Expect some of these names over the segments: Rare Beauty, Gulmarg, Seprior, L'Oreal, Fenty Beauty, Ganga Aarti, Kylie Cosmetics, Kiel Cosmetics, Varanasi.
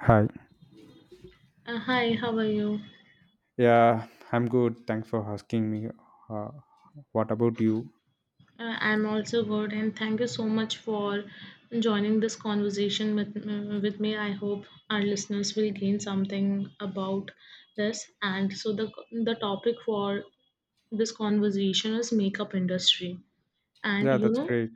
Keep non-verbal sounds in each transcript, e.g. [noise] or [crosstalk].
Hi. Hi, how are you? Yeah, I'm good. Thanks for asking me. Uh, what about you? I'm also good, and thank you so much for joining this conversation with me. I hope our listeners will gain something about this. And so the topic for this conversation is makeup industry. And Yeah, that's great.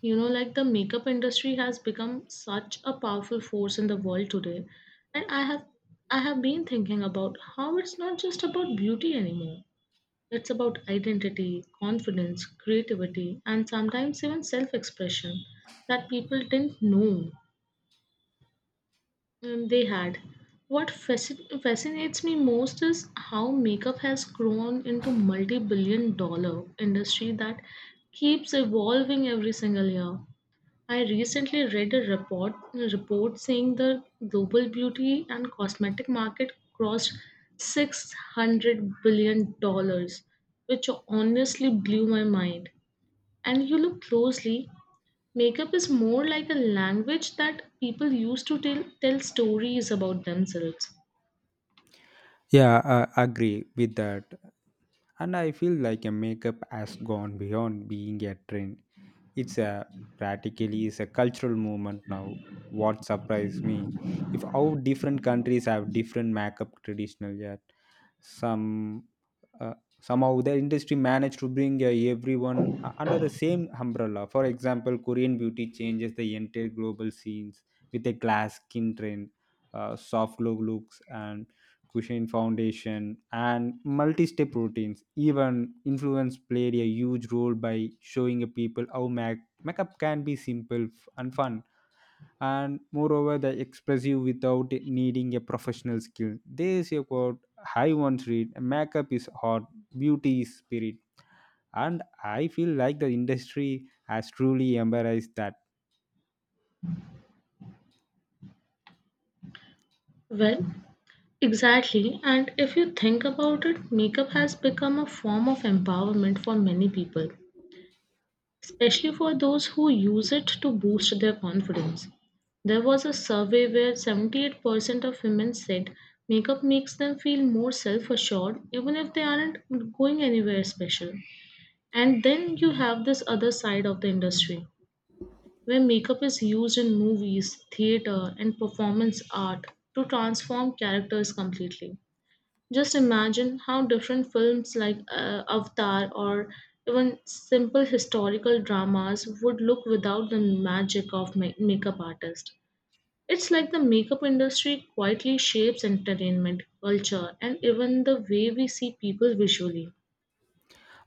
like the makeup industry has become such a powerful force in the world today. And I have been thinking about how it's not just about beauty anymore. It's about identity, confidence, creativity, and sometimes even self expression that people didn't know they had. What fascinates me most is how makeup has grown into multi billion dollar industry that keeps evolving every single year. I recently read a report saying the global beauty and cosmetic market crossed $600 billion, which honestly blew my mind. And you look closely, makeup is more like a language that people use to tell stories about themselves. Yeah, I agree with that. And I feel like a makeup has gone beyond being a trend. It's a practically is a cultural movement now. What surprised me if how different countries have different makeup traditional yet some, uh, somehow the industry managed to bring everyone under the same umbrella. For example, Korean beauty changes the entire global scenes with a glass skin trend, soft glow looks and cushion foundation and multi-step routines. Even influence played a huge role by showing a people how makeup can be simple and fun. And moreover, they express you without it needing a professional skill. They say quote, I once read makeup is art, beauty is spirit. And I feel like the industry has truly embraced that. Well, exactly. And if you think about it, makeup has become a form of empowerment for many people, especially for those who use it to boost their confidence. There was a survey where 78% of women said makeup makes them feel more self assured, even if they aren't going anywhere special. And then you have this other side of the industry where makeup is used in movies, theater, and performance art to transform characters completely. Just imagine how different films like Avatar or even simple historical dramas would look without the magic of makeup artists. It's like the makeup industry quietly shapes entertainment, culture, and even the way we see people visually.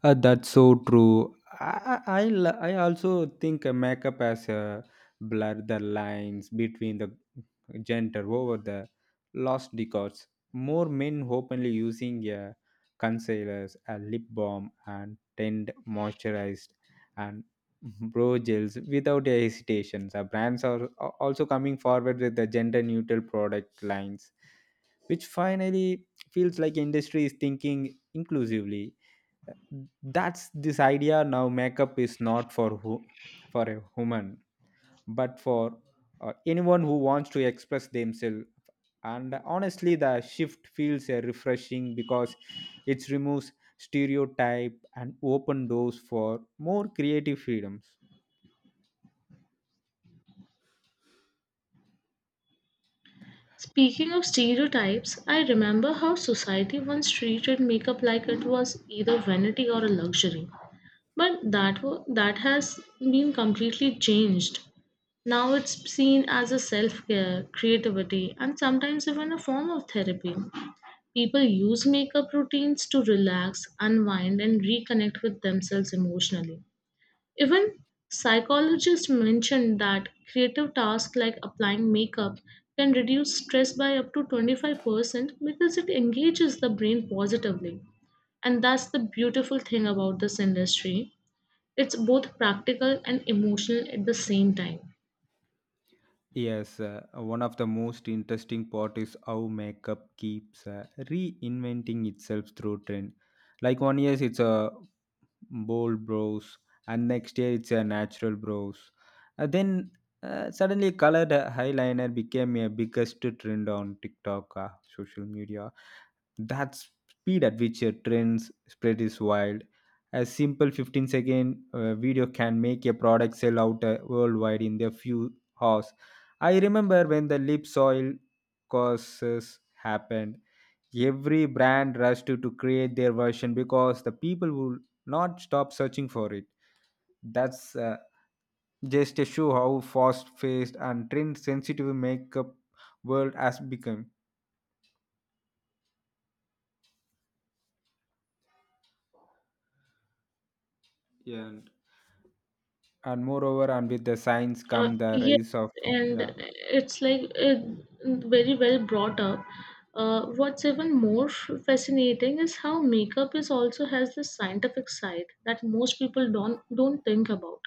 That's so true. I also think makeup as a blur the lines between the gender over the last decades. More men openly using a concealers, a lip balm, and tint moisturized and brow gels without a hesitation. The brands are also coming forward with the gender neutral product lines, which finally feels like industry is thinking inclusively. That's this idea now makeup is not for who, for a woman, but for anyone who wants to express themselves. And honestly, the shift feels refreshing because it removes stereotype and open doors for more creative freedoms. Speaking of stereotypes, I remember how society once treated makeup like it was either vanity or a luxury. But that has been completely changed. Now it's seen as a self care, creativity, and sometimes even a form of therapy. People use makeup routines to relax, unwind, and reconnect with themselves emotionally. Even psychologists mention that creative tasks like applying makeup can reduce stress by up to 25% because it engages the brain positively. And that's the beautiful thing about this industry. It's both practical and emotional at the same time. Yes, one of the most interesting part is how makeup keeps reinventing itself through trend. Like one year it's a bold brows, and next day it's a natural brows. Then suddenly colored eyeliner became a biggest trend on TikTok, social media. That speed at which a trend spread is wild. A simple 15 second video can make a product sell out worldwide in a few hours. I remember when the lip soil courses happened. Every brand rushed to create their version because the people will not stop searching for it. That's just to show how fast-paced and trend-sensitive makeup world has become. Yeah. And moreover, and with the science come the Yes, rise of. and Yeah. it's like very well brought up. What's even more fascinating is how makeup is also has this scientific side that most people don't think about.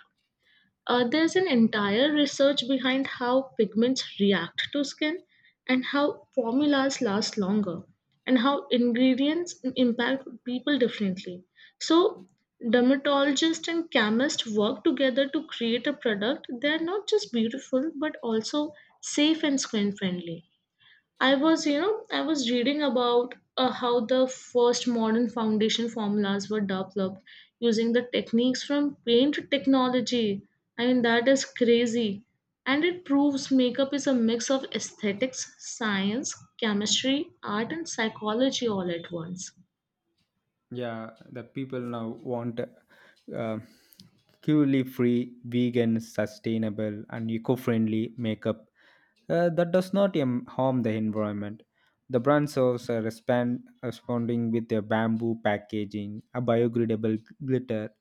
There's an entire research behind how pigments react to skin and how formulas last longer and how ingredients impact people differently. So, dermatologists and chemists work together to create a product that are not just beautiful but also safe and skin friendly. I was reading about how the first modern foundation formulas were developed using the techniques from paint technology. I mean, that is crazy. And it proves makeup is a mix of aesthetics, science, chemistry, art, and psychology all at once. Yeah, the people now want uh, cruelty free, vegan, sustainable, and eco friendly makeup that does not harm the environment. The brands also responding with a bamboo packaging, a biodegradable glitter,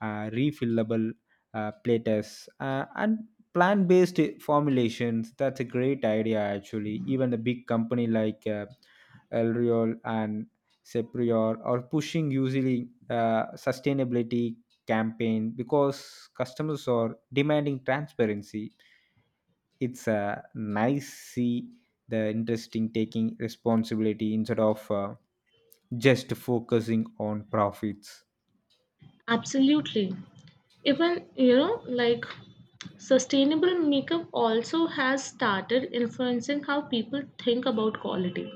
refillable platters, and plant based formulations. That's a great idea, actually. Even a big company like L'Oreal and Seprior or pushing usually sustainability campaign because customers are demanding transparency. It's nice see the interesting taking responsibility instead of just focusing on profits. Absolutely. Even, like sustainable makeup also has started influencing how people think about quality.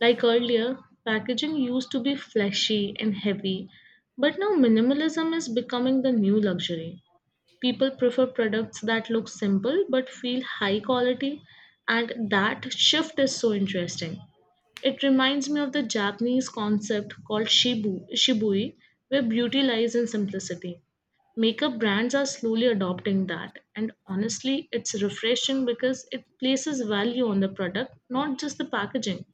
Like earlier, packaging used to be flashy and heavy, but now minimalism is becoming the new luxury. People prefer products that look simple but feel high quality, and that shift is so interesting. It reminds me of the Japanese concept called shibui, where beauty lies in simplicity. Makeup brands are slowly adopting that, and honestly, it's refreshing because it places value on the product, not just the packaging.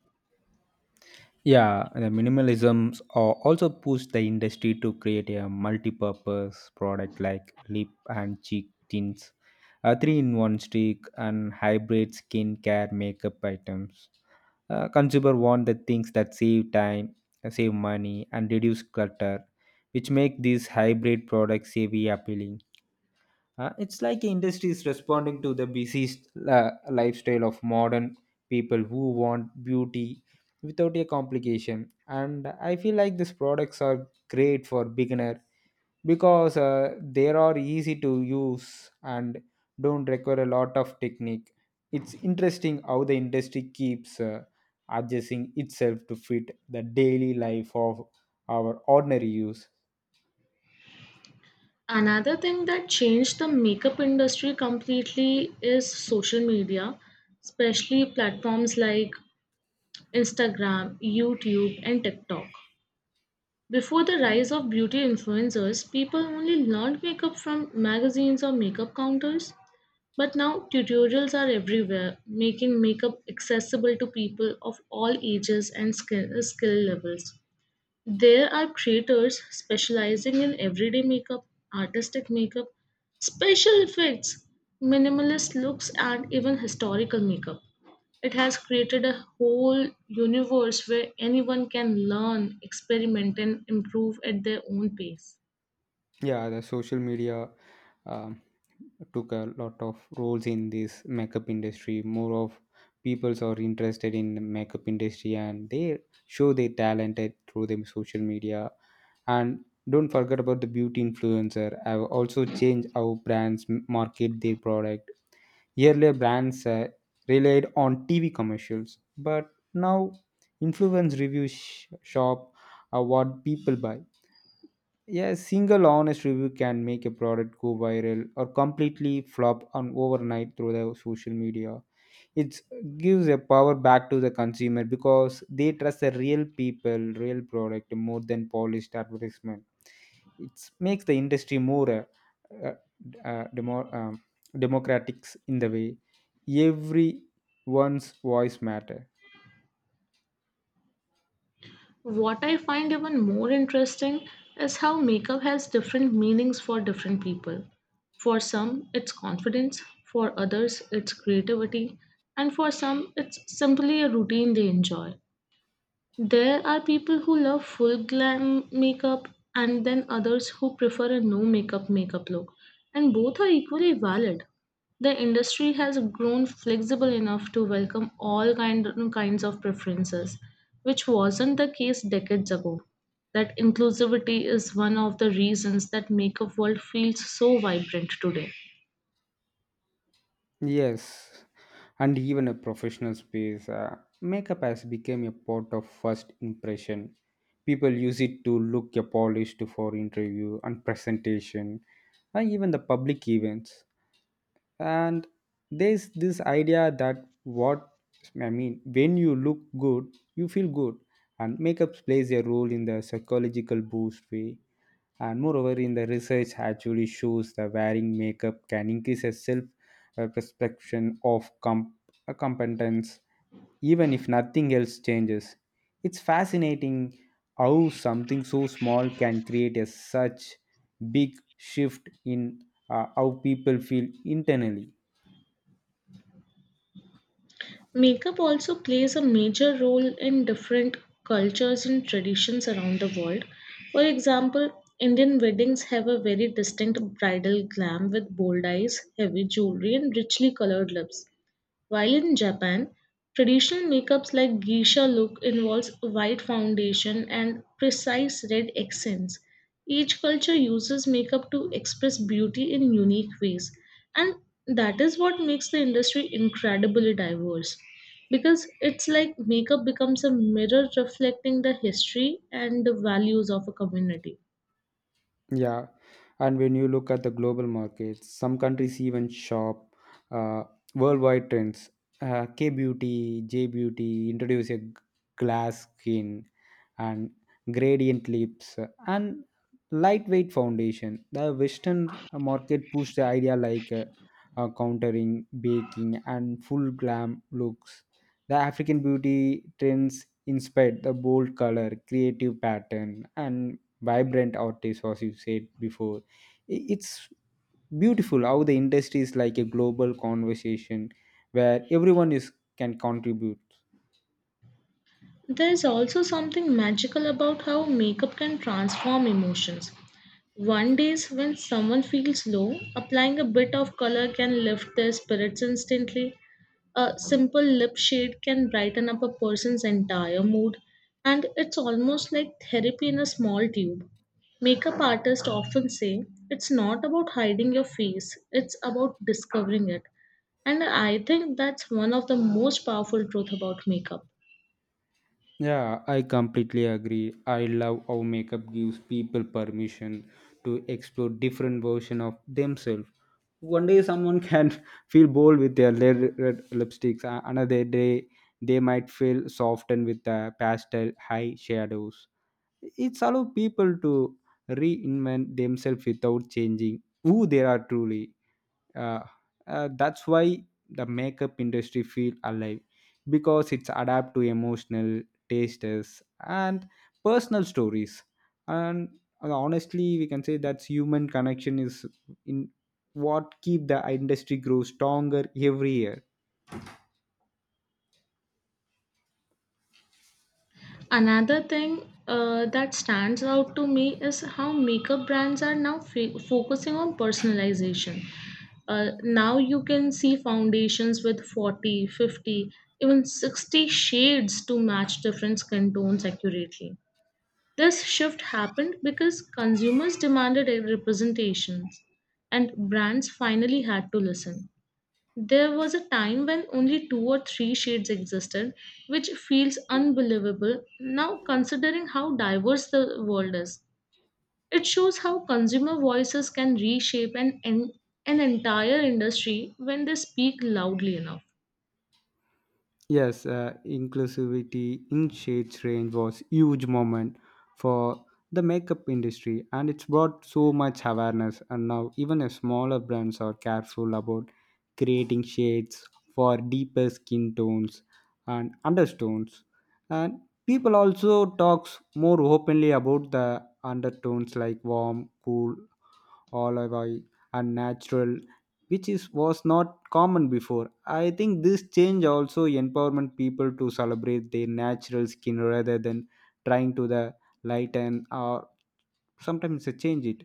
Yeah, the minimalisms are also push the industry to create a multi-purpose product like lip and cheek tints, a three-in-one stick, and hybrid skincare makeup items. Consumer want the things that save time, save money, and reduce clutter, which make these hybrid products savvy appealing. It's like industries responding to the busy lifestyle of modern people who want beauty without a complication. And I feel like these products are great for beginner because they are easy to use and don't require a lot of technique. It's interesting how the industry keeps adjusting itself to fit the daily life of our ordinary use. Another thing that changed the makeup industry completely is social media, especially platforms like Instagram, YouTube, and TikTok. Before the rise of beauty influencers, people only learned makeup from magazines or makeup counters. But now tutorials are everywhere, making makeup accessible to people of all ages and skill levels. There are creators specializing in everyday makeup, artistic makeup, special effects, minimalist looks, and even historical makeup. It has created a whole universe where anyone can learn, experiment, and improve at their own pace. Yeah, the social media um, took a lot of roles in this makeup industry. More of peoples are interested in the makeup industry and they show their talented through them social media. And don't forget about the beauty influencer. Have also changed how brands market their product. Earlier, brands relied on TV commercials, but now influence reviews shop are what people buy. Yeah, a single honest review can make a product go viral or completely flop on overnight through the social media. It gives a power back to the consumer because they trust the real people, real product more than polished advertisement. It makes the industry more uh, uh, uh, demo, um democratic in the way everyone's voice matter. What I find even more interesting is how makeup has different meanings for different people. For some, it's confidence, for others, it's creativity, and for some, it's simply a routine they enjoy. There are people who love full glam makeup and then others who prefer a no makeup makeup look, and both are equally valid. The industry has grown flexible enough to welcome all kinds of preferences, which wasn't the case decades ago. That inclusivity is one of the reasons that makeup world feels so vibrant today. Yes, and even a professional space. Makeup has become a part of first impression. People use it to look a polished for interview and presentation, and even the public events. And there's this idea that what, I mean, when you look good, you feel good, and makeup plays a role in the psychological boost way, and moreover in the research actually shows that wearing makeup can increase a self perception of competence, even if nothing else changes. It's fascinating how something so small can create a such big shift in how people feel internally. Makeup also plays a major role in different cultures and traditions around the world. For example, Indian weddings have a very distinct bridal glam with bold eyes, heavy jewelry, and richly colored lips. While in Japan, traditional makeups like geisha look involves white foundation and precise red accents. Each culture uses makeup to express beauty in unique ways, and that is what makes the industry incredibly diverse. Because it's like makeup becomes a mirror reflecting the history and the values of a community. Yeah, and when you look at the global markets, some countries even shop uh, worldwide trends. K beauty, J beauty introduce a glass skin and gradient lips and lightweight foundation. The Western market pushed the idea like countering, baking, and full glam looks. The African beauty trends inspired the bold color, creative pattern, and vibrant artists as you said before. It's beautiful how the industry is like a global conversation where everyone is can contribute. There's also something magical about how makeup can transform emotions. One days when someone feels low, applying a bit of color can lift their spirits instantly. A simple lip shade can brighten up a person's entire mood, and it's almost like therapy in a small tube. Makeup artists often say it's not about hiding your face, it's about discovering it. And I think that's one of the most powerful truth about makeup. Yeah, I completely agree. I love how makeup gives people permission to explore different version of themselves. One day someone can [laughs] feel bold with their red lipsticks. Another day they might feel softened with the pastel high shadows. It's allow people to reinvent themselves without changing who they are truly. Uh, that's why the makeup industry feel alive because it's adapt to emotional tastes and personal stories. And honestly, we can say that human connection is in what keep the industry grow stronger every year. Another thing that stands out to me is how makeup brands are now focusing on personalization. Now you can see foundations with 40, 50, even 60 shades to match different skin tones accurately. This shift happened because consumers demanded a representations and brands finally had to listen. There was a time when only two or three shades existed, which feels unbelievable now considering how diverse the world is. It shows how consumer voices can reshape an entire industry when they speak loudly enough. Yes, inclusivity in shades range was huge moment for the makeup industry, and it's brought so much awareness. And now even a smaller brands are careful about creating shades for deeper skin tones and undertones. And people also talks more openly about the undertones like warm, cool, olive oil and natural, which is was not common before. I think this change also empowerment people to celebrate their natural skin rather than trying to the lighten or sometimes they change it.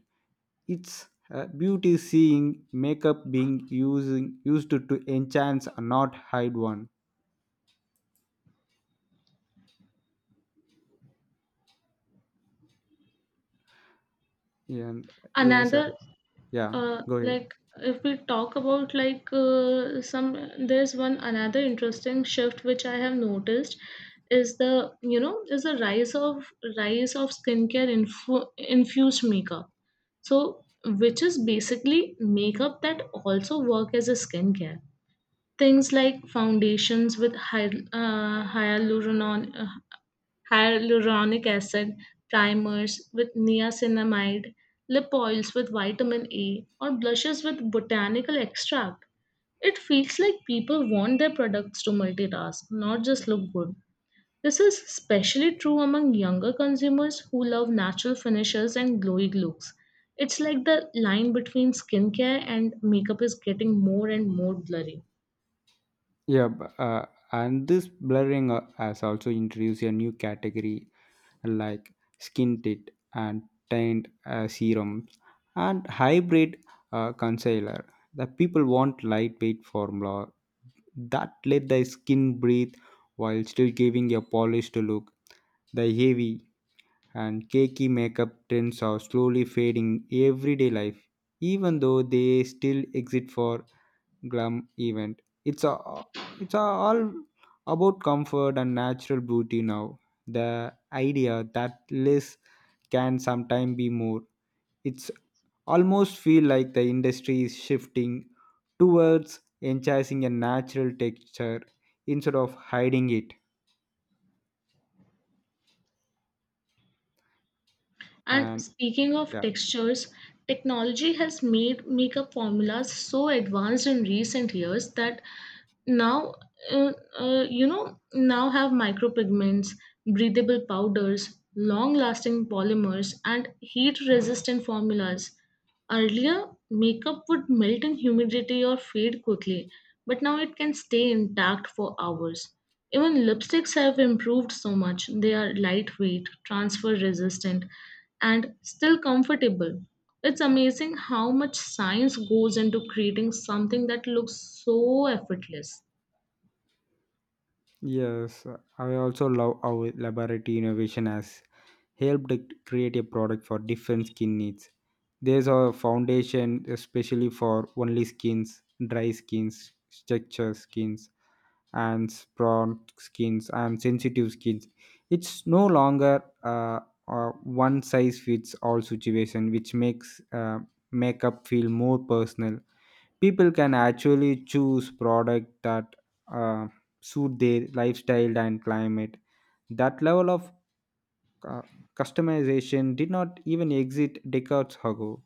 It's beauty seeing makeup being using used to enhance and not hide one. And yes, Another yeah. Go ahead. Like if we talk about like some there's one another interesting shift which I have noticed is the you know is the rise of skincare infused makeup, so which is basically makeup that also work as a skincare. Things like foundations with hy- hyaluronan hyaluronic acid, primers with niacinamide, lip oils with vitamin A, or blushes with botanical extract. It feels like people want their products to multitask, not just look good. This is especially true among younger consumers who love natural finishes and glowy looks. It's like the line between skincare and makeup is getting more and more blurry. Yeah. And this blurring has also introduced a new category like skin tint and tint serum and hybrid concealer. The people want lightweight formula that let the skin breathe while still giving a polished look. The heavy and cakey makeup trends are slowly fading everyday life, even though they still exist for glam event. All about comfort and natural beauty now. The idea that less can sometimes be more. It's almost feel like the industry is shifting towards enhancing a natural texture instead of hiding it. And And speaking of yeah, textures, technology has made makeup formulas so advanced in recent years that now uh, you know now have micropigments, breathable powders, long-lasting polymers, and heat-resistant formulas. Earlier, makeup would melt in humidity or fade quickly, but now it can stay intact for hours. Even lipsticks have improved so much. They are lightweight, transfer resistant, and still comfortable. It's amazing how much science goes into creating something that looks so effortless. yes, I also love how elaborate innovation has helped create a product for different skin needs. There's a foundation especially for only skins, dry skins, structure skins, and prawn skins and sensitive skins. It's no longer one size fits all situation, which makes makeup feel more personal. People can actually choose product that uh, suit their lifestyle and climate. That level of cu- customization did not even exist decades ago.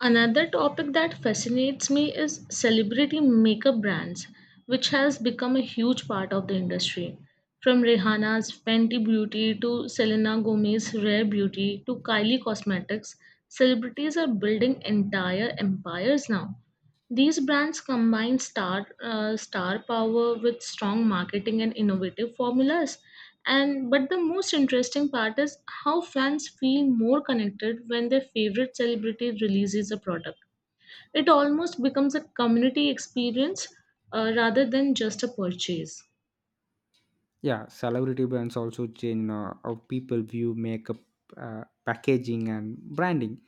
Another topic that fascinates me is celebrity makeup brands, which has become a huge part of the industry. From Rihanna's Fenty Beauty to Selena Gomez's Rare Beauty to Kylie Cosmetics, celebrities are building entire empires now. These brands combine star power with strong marketing and innovative formulas. And but the most interesting part is how fans feel more connected when their favorite celebrity releases a product. It almost becomes a community experience rather than just a purchase. Yeah, celebrity brands also change how people view makeup, packaging, and branding,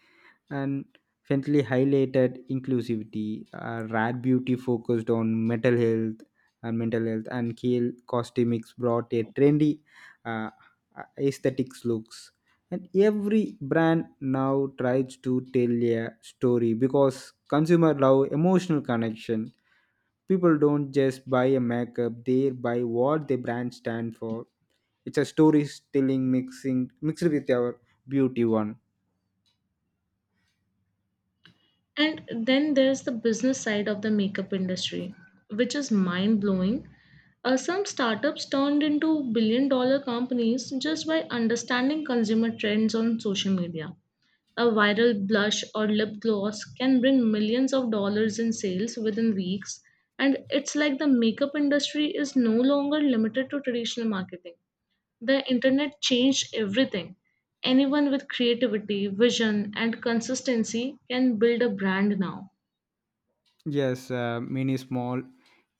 and faintly highlighted inclusivity. Rare Beauty focused on mental health, and Kiel Cosmetics brought a trendy uh, aesthetics looks. And every brand now tries to tell a story because consumer love emotional connection. People don't just buy a makeup, they buy what the brand stand for. It's a storytelling mixing mixed with our beauty one. And then there's the business side of the makeup industry, which is mind blowing. Some startups turned into billion dollar companies just by understanding consumer trends on social media. A viral blush or lip gloss can bring millions of dollars in sales within weeks, and it's like the makeup industry is no longer limited to traditional marketing. The internet changed everything. Anyone with creativity, vision, and consistency can build a brand now. Yes, many small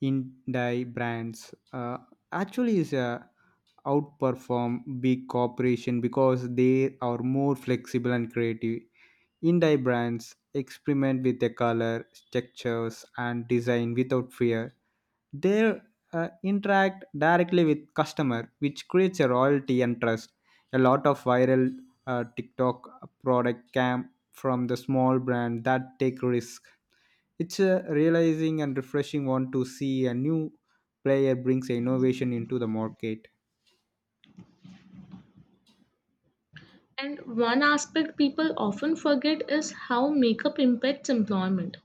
indie brands actually is outperform big corporation because they are more flexible and creative. Indie brands experiment with the color, textures, and design without fear. They interact directly with customer, which creates a loyalty and trust. A lot of viral TikTok product came from the small brand that take risk. It's a realizing and refreshing one to see a new player brings innovation into the market. And one aspect people often forget is how makeup impacts employment.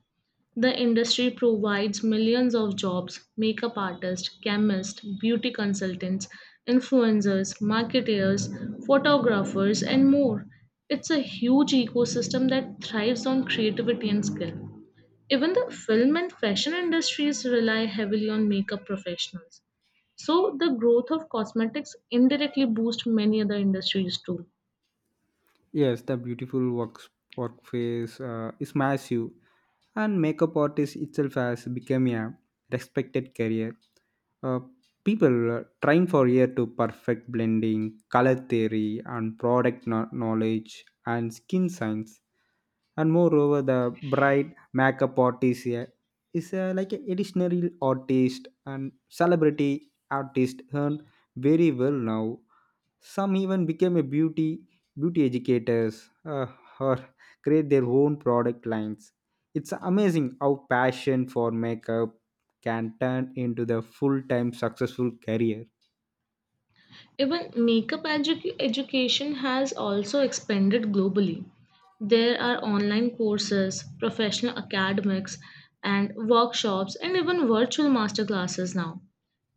The industry provides millions of jobs: makeup artists, chemists, beauty consultants, influencers, marketeers, photographers, and more. It's a huge ecosystem that thrives on creativity and skill. Even the film and fashion industries rely heavily on makeup professionals. So the growth of cosmetics indirectly boosts many other industries too. Yes, the beautiful works workface is massive, and makeup artist itself has become a respected career. Uh, People trying for year to perfect blending, color theory, and product knowledge and skin science. And moreover, the bright makeup artist here is like an additional artist and celebrity artist earn very well now. Some even became a beauty educators, or create their own product lines. It's amazing how passion for makeup can turn into the full-time successful career. Even makeup education has also expanded globally. There are online courses, professional academics, and workshops, and even virtual masterclasses now.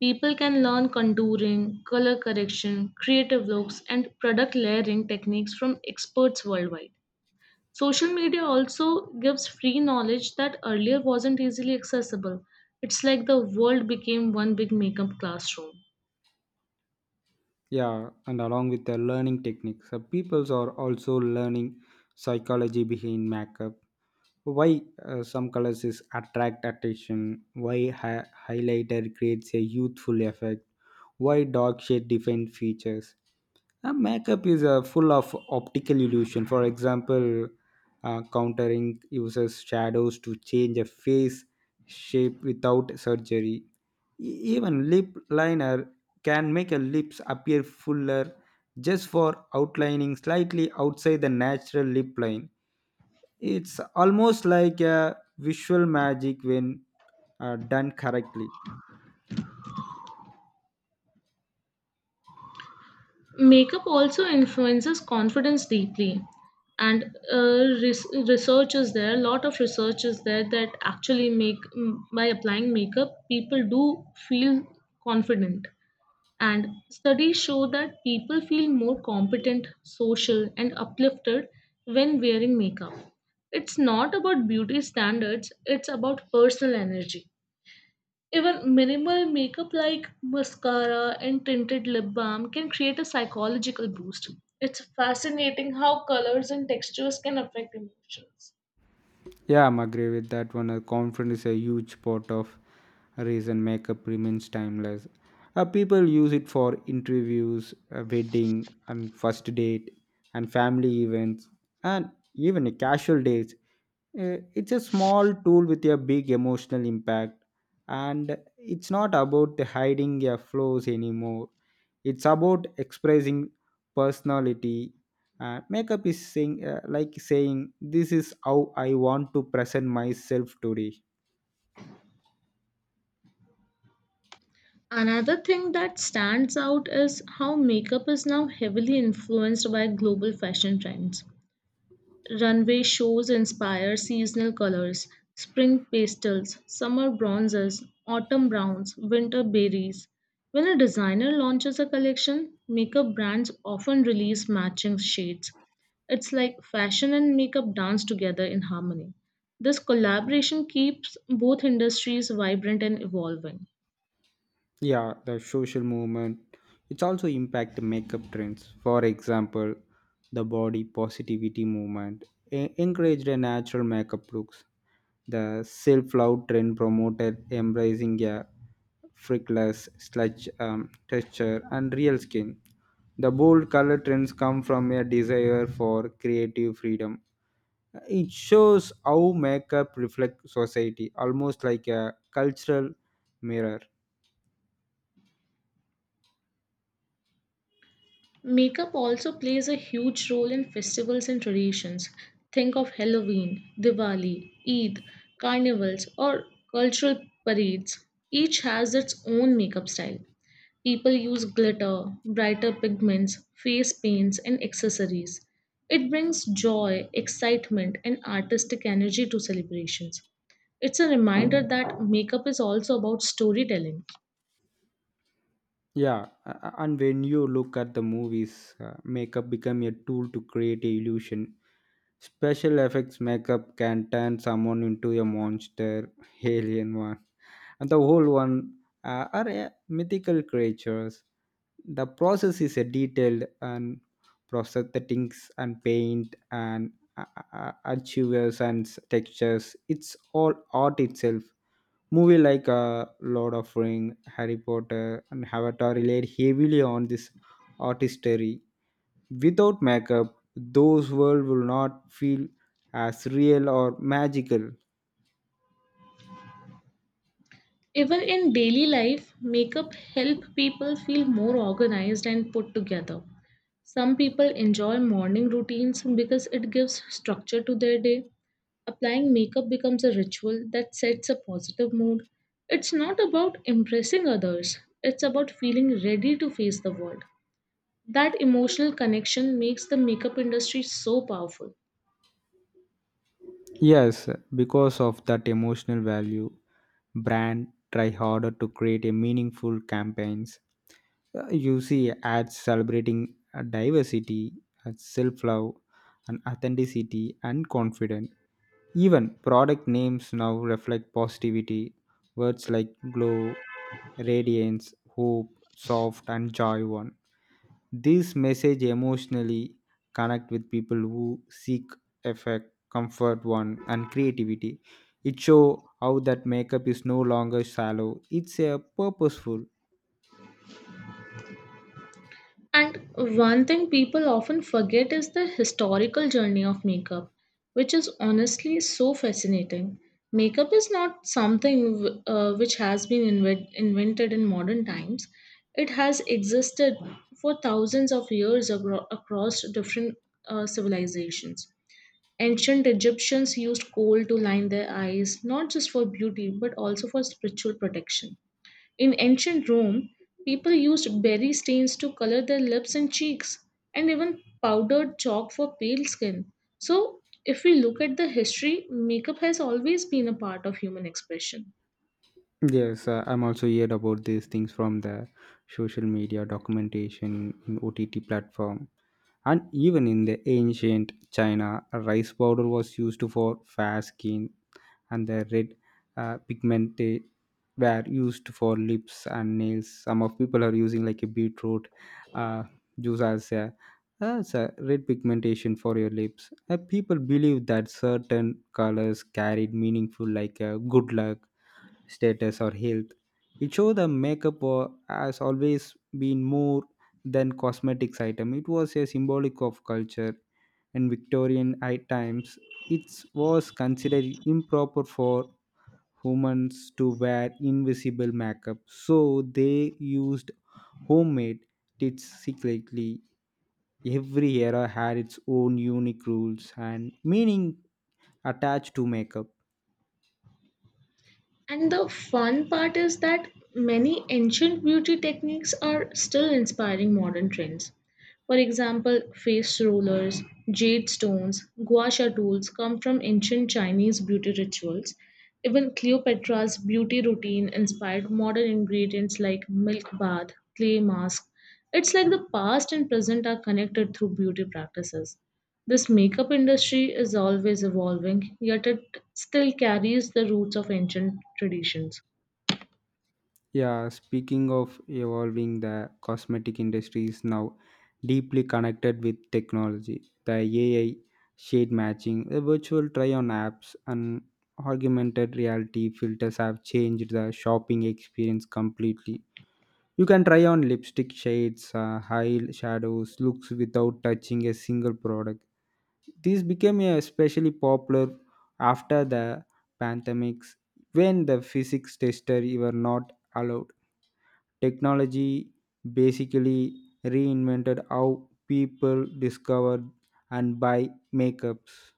People can learn contouring, color correction, creative looks, and product layering techniques from experts worldwide. Social media also gives free knowledge that earlier wasn't easily accessible. It's like the world became one big makeup classroom. Yeah, and along with the learning techniques, peoples are also learning psychology behind makeup. Why some colors is attract attention, why highlighter creates a youthful effect, why dark shade define features. Makeup is full of optical illusion. For example, countering uses shadows to change a face shape without surgery. Even lip liner can make a lips appear fuller just for outlining slightly outside the natural lip line. It's almost like a visual magic when done correctly. Makeup also influences confidence deeply, and research is there. A lot of research is there that actually make by applying makeup, people do feel confident. And studies show that people feel more competent, social, and uplifted when wearing makeup. It's not about beauty standards, it's about personal energy. Even minimal makeup like mascara and tinted lip balm can create a psychological boost. It's fascinating how colors and textures can affect emotions. Yeah, I'm agree with that one. Confidence is a huge part of reason makeup remains timeless. People use it for interviews, wedding, and first date, and family events, and even casual dates. It's a small tool with a big emotional impact, and it's not about the hiding your flaws anymore. It's about expressing personality. Makeup is saying like saying this is how I want to present myself today. Another thing that stands out is how makeup is now heavily influenced by global fashion trends. Runway shows inspire seasonal colors: spring pastels, summer bronzes, autumn browns, winter berries. When a designer launches a collection, makeup brands often release matching shades. It's like fashion and makeup dance together in harmony. This collaboration keeps both industries vibrant and evolving. Yeah, the social movement. It's also impact the makeup trends. For example, the body positivity movement encouraged a natural makeup looks. The self-love trend promoted embracing a frickless sludge texture and real skin. The bold color trends come from a desire for creative freedom. It shows how makeup reflects society, almost like a cultural mirror. Makeup also plays a huge role in festivals and traditions. Think of Halloween, Diwali, Eid, carnivals, or cultural parades. Each has its own makeup style. People use glitter, brighter pigments, face paints, and accessories. It brings joy, excitement, and artistic energy to celebrations. It's a reminder that makeup is also about storytelling. Yeah, and when you look at the movies, makeup become a tool to create a illusion. Special effects makeup can turn someone into a monster, [laughs] alien one, and the whole one are mythical creatures. The process is a detailed and prosthetics and paint and achievers and textures. It's all art itself. Movie like Lord of Ring, Harry Potter, and Avatar relied heavily on this artistry. Without makeup those worlds will not feel as real or magical. Even in daily life, makeup help people feel more organized and put together. Some people enjoy morning routines because it gives structure to their day. Applying makeup becomes a ritual that sets a positive mood. It's not about impressing others, it's about feeling ready to face the world. That emotional connection makes the makeup industry so powerful. Yes, because of that emotional value, brand try harder to create a meaningful campaigns. You see ads celebrating diversity, self love, and authenticity and confidence. Even product names now reflect positivity. Words like glow, radiance, hope, soft, and joy one. These message emotionally connect with people who seek effect, comfort one, and creativity. It show how that makeup is no longer shallow. It's a purposeful. And one thing people often forget is the historical journey of makeup, which is honestly so fascinating. Makeup is not something which has been invented in modern times. It has existed for thousands of years across different civilizations. Ancient Egyptians used coal to line their eyes, not just for beauty, but also for spiritual protection. In ancient Rome, people used berry stains to color their lips and cheeks, and even powdered chalk for pale skin. So, if we look at the history, makeup has always been a part of human expression. Yes, I'm also heard about these things from the social media documentation in OTT platform. And even in the ancient China, rice powder was used for fair skin, and the red pigment they were used for lips and nails. Some of people are using like a beetroot uh, juice as a red pigmentation for your lips. People believe that certain colors carried meaningful like good luck, status, or health. It show the makeup has always been more than cosmetics item. It was a symbolic of culture. In Victorian times it was considered improper for humans to wear invisible makeup, so they used homemade tips secretly. Every era had its own unique rules and meaning attached to makeup. And the fun part is that many ancient beauty techniques are still inspiring modern trends. For example, face rollers, jade stones, gua sha tools come from ancient Chinese beauty rituals. Even Cleopatra's beauty routine inspired modern ingredients like milk bath, clay mask. It's like the past and present are connected through beauty practices. This makeup industry is always evolving, yet it still carries the roots of ancient traditions. Yeah, speaking of evolving, the cosmetic industry is now deeply connected with technology. The AI, shade matching, the virtual try on apps, and augmented reality filters have changed the shopping experience completely. You can try on lipstick shades, high shadows, looks without touching a single product. This became especially popular after the pandemics when the physics tester were not allowed. Technology basically reinvented how people discover and buy makeups.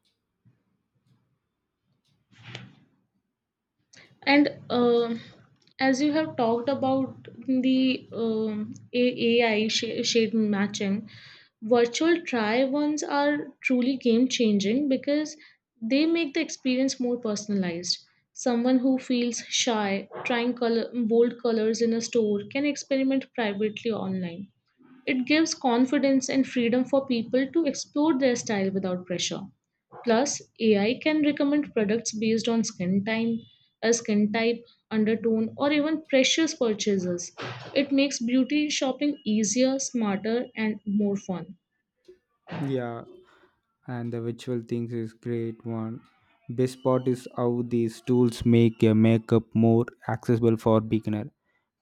And As you have talked about the AI shade matching, virtual try ons are truly game changing because they make the experience more personalized. Someone who feels shy trying bold colors in a store can experiment privately online. It gives confidence and freedom for people to explore their style without pressure. Plus, AI can recommend products based on skin type, undertone, or even precious purchases. It makes beauty shopping easier, smarter, and more fun. Yeah, and the virtual things is great one. Best part is how these tools make a makeup more accessible for beginner.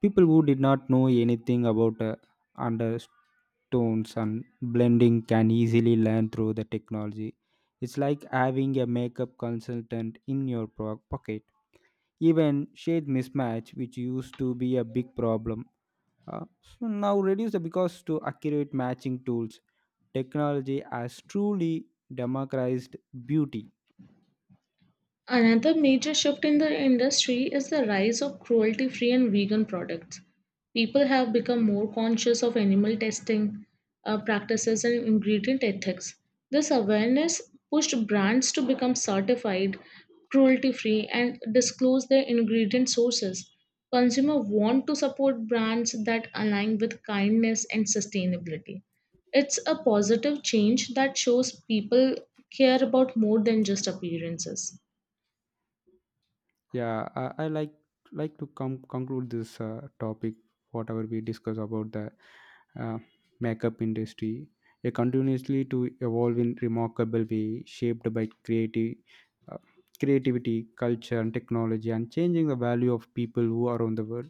People who did not know anything about undertones and blending can easily learn through the technology. It's like having a makeup consultant in your pocket. Even shade mismatch which used to be a big problem, so now reduced because to accurate matching tools. Technology has truly democratized beauty. Another major shift in the industry is the rise of cruelty free and vegan products. People have become more conscious of animal testing practices and ingredient ethics. This awareness pushed brands to become certified cruelty free and disclose their ingredient sources. Consumers want to support brands that align with kindness and sustainability. It's a positive change that shows people care about more than just appearances. Yeah, I like to conclude this topic. Whatever we discuss about the uh, makeup industry, a continuously to evolve in remarkable way shaped by creative uh, creativity, culture, and technology, and changing the value of people who are on the world.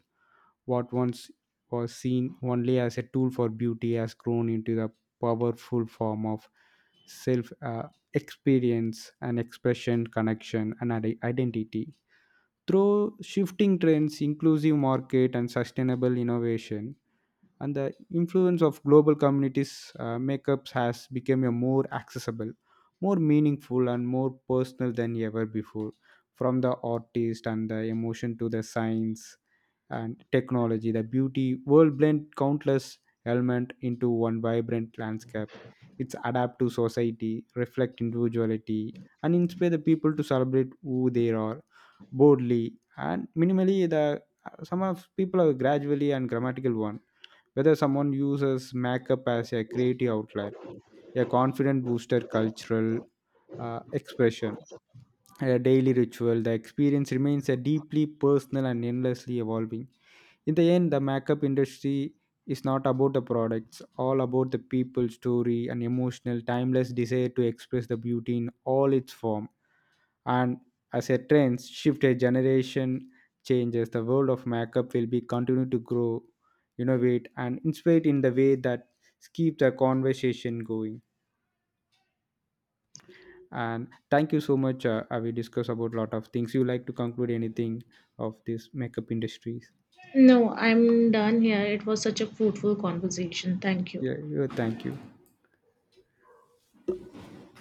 What once was seen only as a tool for beauty has grown into the powerful form of self experience and expression, connection, and identity through shifting trends, inclusive market, and sustainable innovation, and the influence of global communities. Makeups has become a more accessible, more meaningful, and more personal than ever before. From the artist and the emotion to the science and technology, the beauty world blend countless element into one vibrant landscape. It's adapt to society, reflect individuality, and inspire the people to celebrate who they are boldly and minimally. The some of people are gradually and grammatical one. Whether someone uses makeup as a creative outlet, a confident booster, cultural expression, and a daily ritual, the experience remains a deeply personal and endlessly evolving. In the end, the makeup industry is not about the products, all about the people, story, and emotional, timeless desire to express the beauty in all its form. And as a trend shift a generation changes, the world of makeup will be continue to grow, innovate, and inspire in the way that keep the conversation going. And thank you so much. I will discuss about lot of things. You like to conclude anything of this makeup industries? No, I'm done here. It was such a fruitful conversation. Thank you. Yeah, yeah, thank you.